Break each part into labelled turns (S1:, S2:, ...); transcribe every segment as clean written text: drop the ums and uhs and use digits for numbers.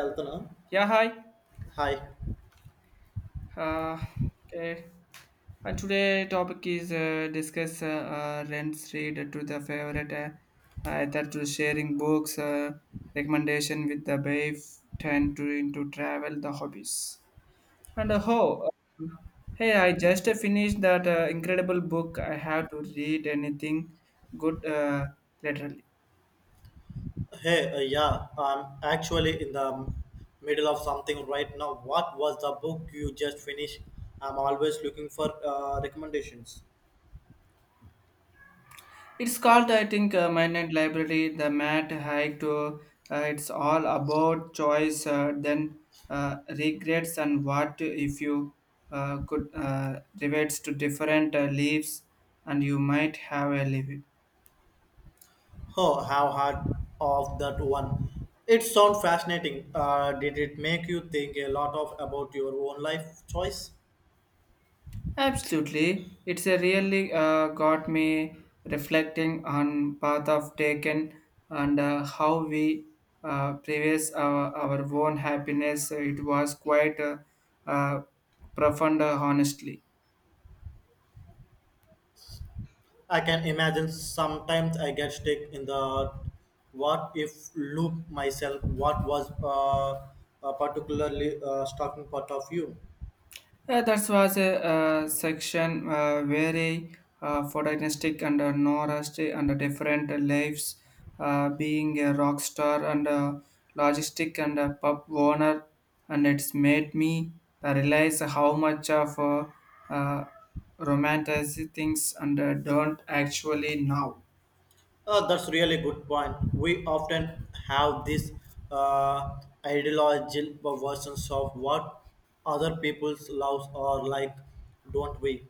S1: Altana.
S2: Yeah, hi.
S1: Hi.
S2: Uh, okay. And today topic is discuss rents read to the favorite either to sharing books recommendation with the babe turn to into travel the hobbies and how. um, Hey, I just finished that incredible book. I have to read anything good laterally.
S1: Hey, yeah, I'm actually in the middle of something right now. What was the book you just finished? I'm always looking for recommendations.
S2: It's called, I think, Midnight Library, the Matt Haig to it's all about choice, then regrets and what if you could reverts to different leaves and you might have a living.
S1: Oh, how hard of that one. It sounds fascinating. Did it make you think a lot of about your own life choice?
S2: Absolutely, it's a really got me reflecting on path of taken and how we previous our own happiness. It was quite uh, profound, honestly.
S1: I can imagine sometimes I get stuck in the what if loop myself. What was a particularly stalking part of you?
S2: That was a section very photonistic and norest and different lives, being a rock star and a logistic and a pub owner, and it's made me realize how much of uh, romanticizing things and don't actually know.
S1: That's really good point. We often have these uh, ideological versions of what other people's loves are like, don't we?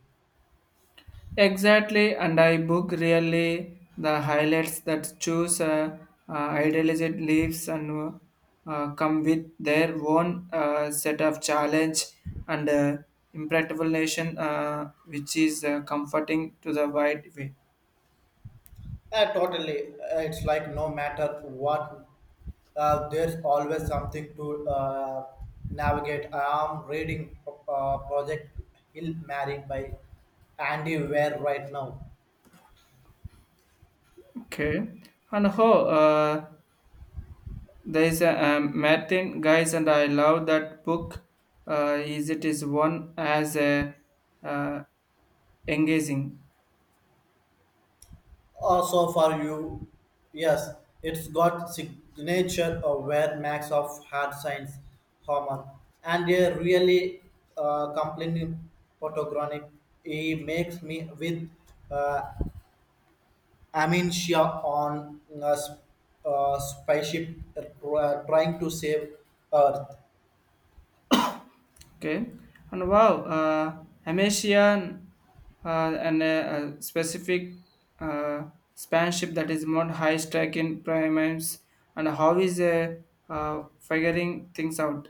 S2: Exactly, and I book really the highlights that choose idealized leaves and come with their own set of challenge and impractical nation, which is comforting to the wide way.
S1: Totally. It's like no matter what, there's always something to navigate. I'm reading Project Hill Married by Andy Ware right now.
S2: Okay, and how there is a Martin guys, and I love that book. Is it is one as a uh, engaging.
S1: Also for you, yes, it's got signature of where max of hard science Homer and a really complaining photographic. He makes me with uh, amnesia on a spaceship trying to save Earth.
S2: Okay, and wow, Amesian and a specific uh, spanship that is more high strike in primates, and how is figuring things out?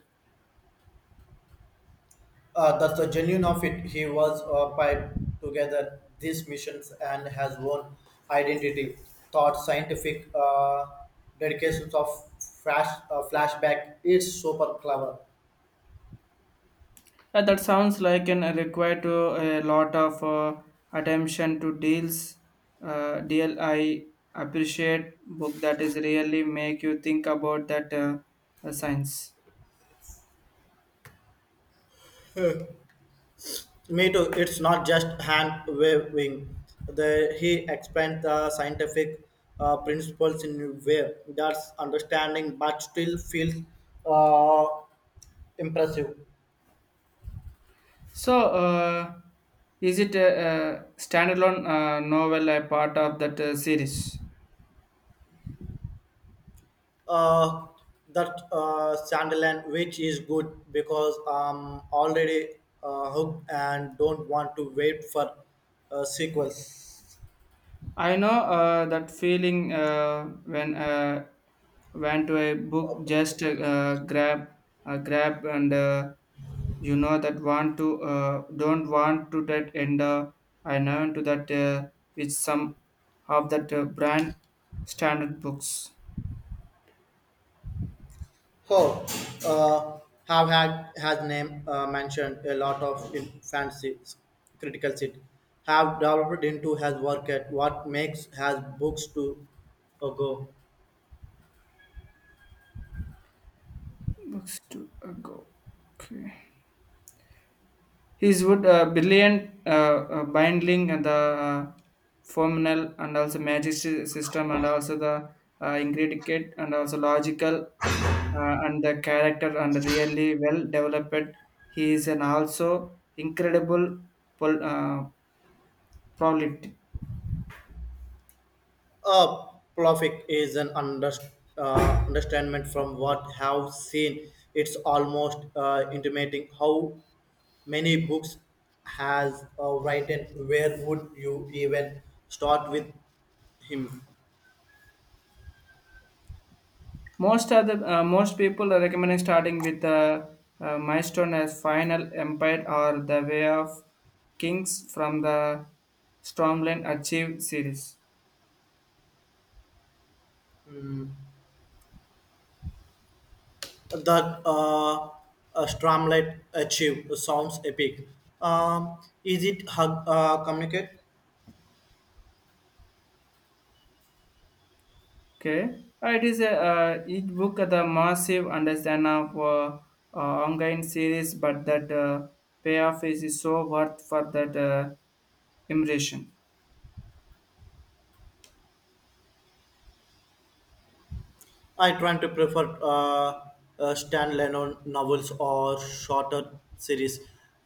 S1: That's the genuine of it. He was piped together these missions and has own identity, thought, scientific dedications of flashback. It's super clever.
S2: Yeah, that sounds like an require to a lot of attention to deals. Deal I appreciate book that is really make you think about that science.
S1: Me too. It's not just hand waving. The he explained the scientific principles in a way that's understanding, but still feels uh, impressive.
S2: So, is it a standalone novel a part of that series?
S1: Uh, that Sunderland, which is good because I'm already hooked and don't want to wait for sequels.
S2: I know that feeling when went to a book just grab and you know that want to don't want to that and I know into that with some of that brand standard books
S1: Oh, uh, have had has name mentioned a lot of in fancy critical seat have developed into has work at what makes has books to go.
S2: books to go okay. His would brilliant binding and the formal and also system and also the intricate and also logical and the character and really well developed. He is an also incredible pol- uh, prolific.
S1: Uh, perfect is an understatement from what have seen. It's almost intimating how many books has written. Where would you even start with him?
S2: Most of the Most people are recommending starting with the milestone as Final Empire or the Way of Kings from the Stormland Achieve series.
S1: That Stramlet achieve sounds epic. Is it hug, communicate?
S2: Okay, it is a each book the massive understand of ongoing series, but that payoff is so worth for that immersion.
S1: I tend to prefer standalone novels or shorter series.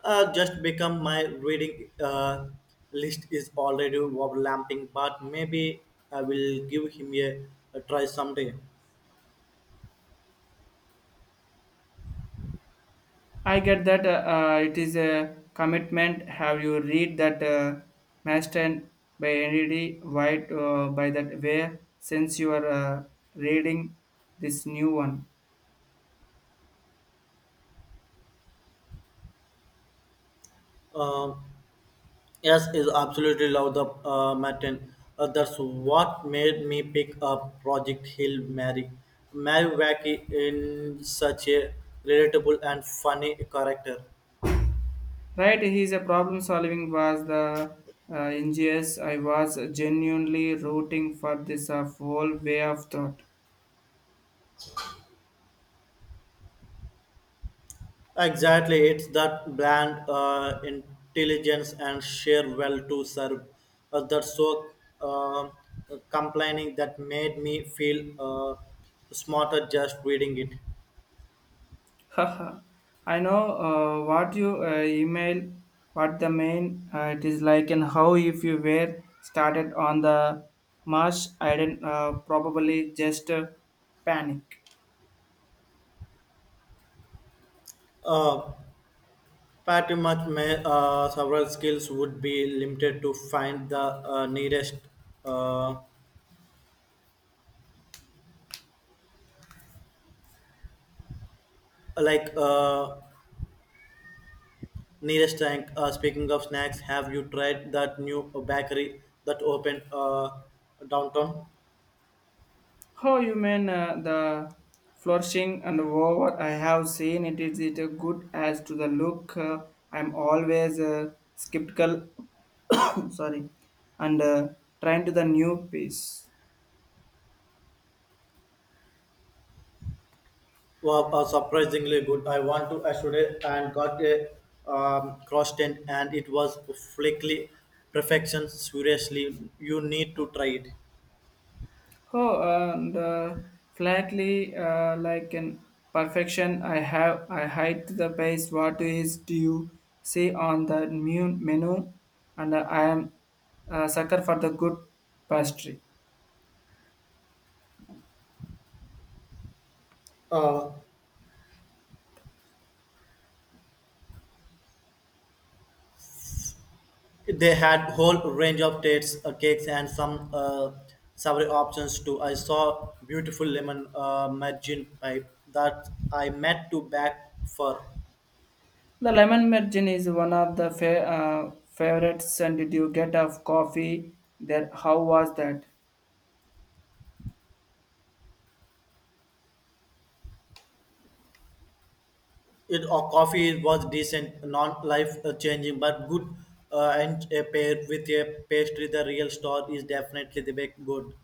S1: Just become my reading list is already overlapping, but maybe I will give him a try someday.
S2: I get that it is a commitment. Have you read that Master by N.D. White by that way since you are reading this new one?
S1: Uh, yes, is absolutely love the Martin. That's what made me pick up Project Hill Mary. Mary Wacky in such a relatable and funny character.
S2: Right, he's a problem solving was the ingenious. I was genuinely rooting for this whole way of thought.
S1: Exactly, it's that bland intelligence and sheer will to serve that so uh, complaining that made me feel smarter just reading it.
S2: Haha. I know what you email, what the main it is like, and how if you were started on the marsh, I didn't probably just panic.
S1: Uh, pretty much, may, several skills would be limited to find the nearest, uh, like uh, nearest tank. Speaking of snacks, have you tried that new bakery that opened downtown?
S2: How you mean the flourishing and over? I have seen it is it good as to the look. I'm always skeptical. Sorry, and trying to the new piece.
S1: Well, surprisingly good. I went to yesterday and got a cross tent and it was perfectly perfection. Seriously, you need to try it.
S2: Oh, and flatly like an perfection. I have I hide the base. What is do you see on the new menu? And I am a sucker for the good pastry.
S1: Uh, they had whole range of dates, cakes, and some savory options too. I saw beautiful lemon margin pipe that I meant to back for.
S2: The lemon merchant is one of the favorites. And did you get a coffee there? How was that?
S1: It or coffee was decent, non life changing, but good. And a pair with a pastry, the real store is definitely the baked good.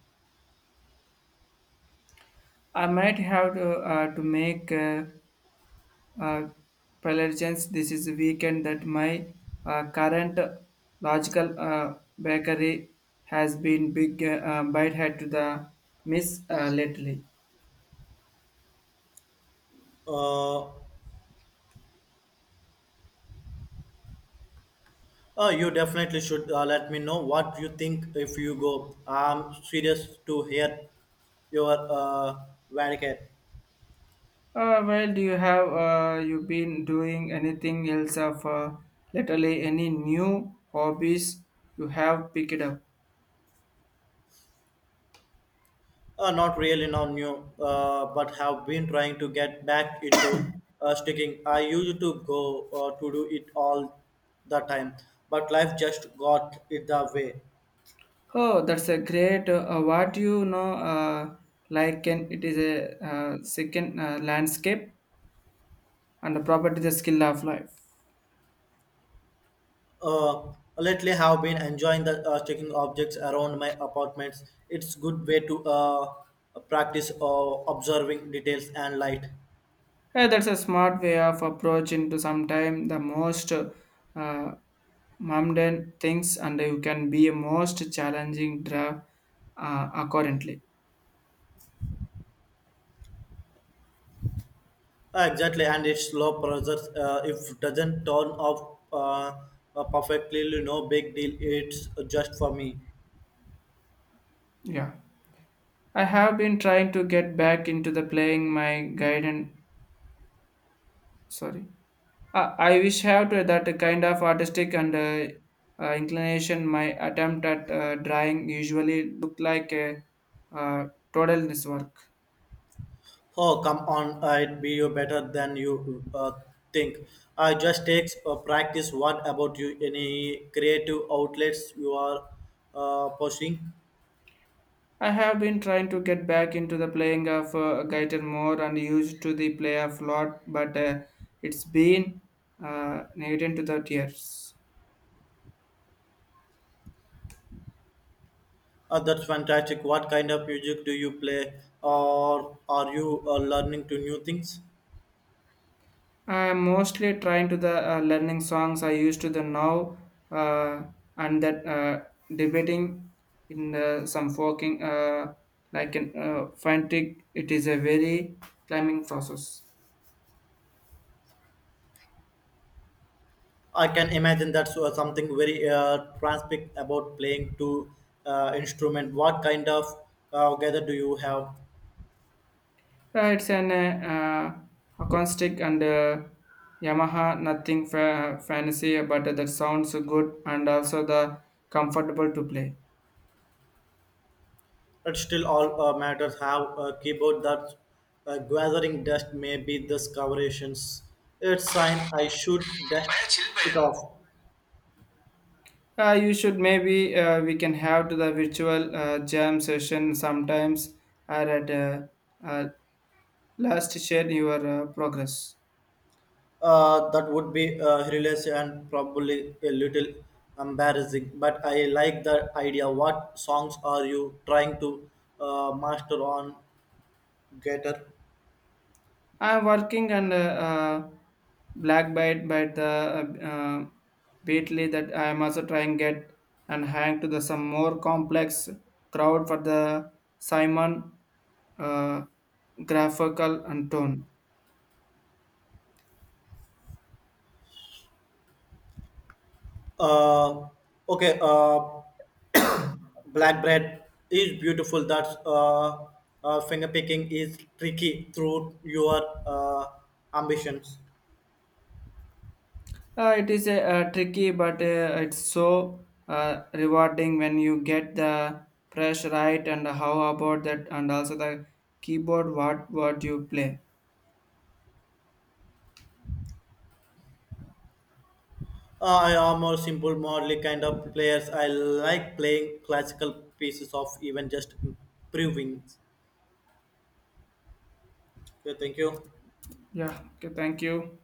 S2: I might have to make uh, preparations. This is a weekend that my current logical bakery has been big bite head to the miss lately.
S1: Uh, you definitely should let me know what you think if you go. I'm serious to hear your verdict.
S2: Well, do you have you been doing anything else of lately? Any new hobbies you have picked up?
S1: Not really now new, but have been trying to get back into sticking. I used to go to do it all the time, but life just got in the way.
S2: Oh, that's a great. What do you know? Like, can it is a second landscape and the property the skill of life.
S1: Uh, lately, have been enjoying the checking objects around my apartments. It's good way to practice observing details and light.
S2: Hey, that's a smart way of approach into sometime the most mundane things, and you can be a most challenging draft accordingly.
S1: Exactly, and it's low pressure. If doesn't turn off perfectly, you know, big deal. It's just for me.
S2: Yeah, I have been trying to get back into the playing my guidance Sorry. I wish have to that kind of artistic and inclination. My attempt at drawing usually look like a uh, totalness work.
S1: Oh, come on, I'd be you better than you think. I just takes practice. What about you? Any creative outlets you are pursuing?
S2: I have been trying to get back into the playing of guitar more and used to the play of lot, but it's been negated to the tears.
S1: That's fantastic. What kind of music do you play, or are you learning to new things?
S2: I am mostly trying to the learning songs I used to the now uh, and that debating in some forking like an frantic. It is a very climbing process.
S1: I can imagine that's something very transparent about playing two instrument. What kind of gather do you have?
S2: It's an acoustic and Yamaha nothing fancy, but that sounds good and also the comfortable to play.
S1: It still all matters how a keyboard that gathering dust may be discoverations. It's sign I should dust it off.
S2: You should maybe we can have to the virtual jam session sometimes or at uh, last share your progress.
S1: That would be hilarious and probably a little embarrassing, but I like the idea. What songs are you trying to master on guitar?
S2: I am working on uh, black bite by the uh, uh, Beatley that I am also trying get and hang to the some more complex crowd for the Simon uh, graphical and tone.
S1: Uh, okay, black bread is beautiful. That's finger picking is tricky through your uh, ambitions.
S2: It is a tricky, but it's so rewarding when you get the press right. And how about that? And also the keyboard, what you play?
S1: I am more simple, modely kind of players. I like playing classical pieces of even just improving. Okay, thank you.
S2: Yeah. Okay. Thank you.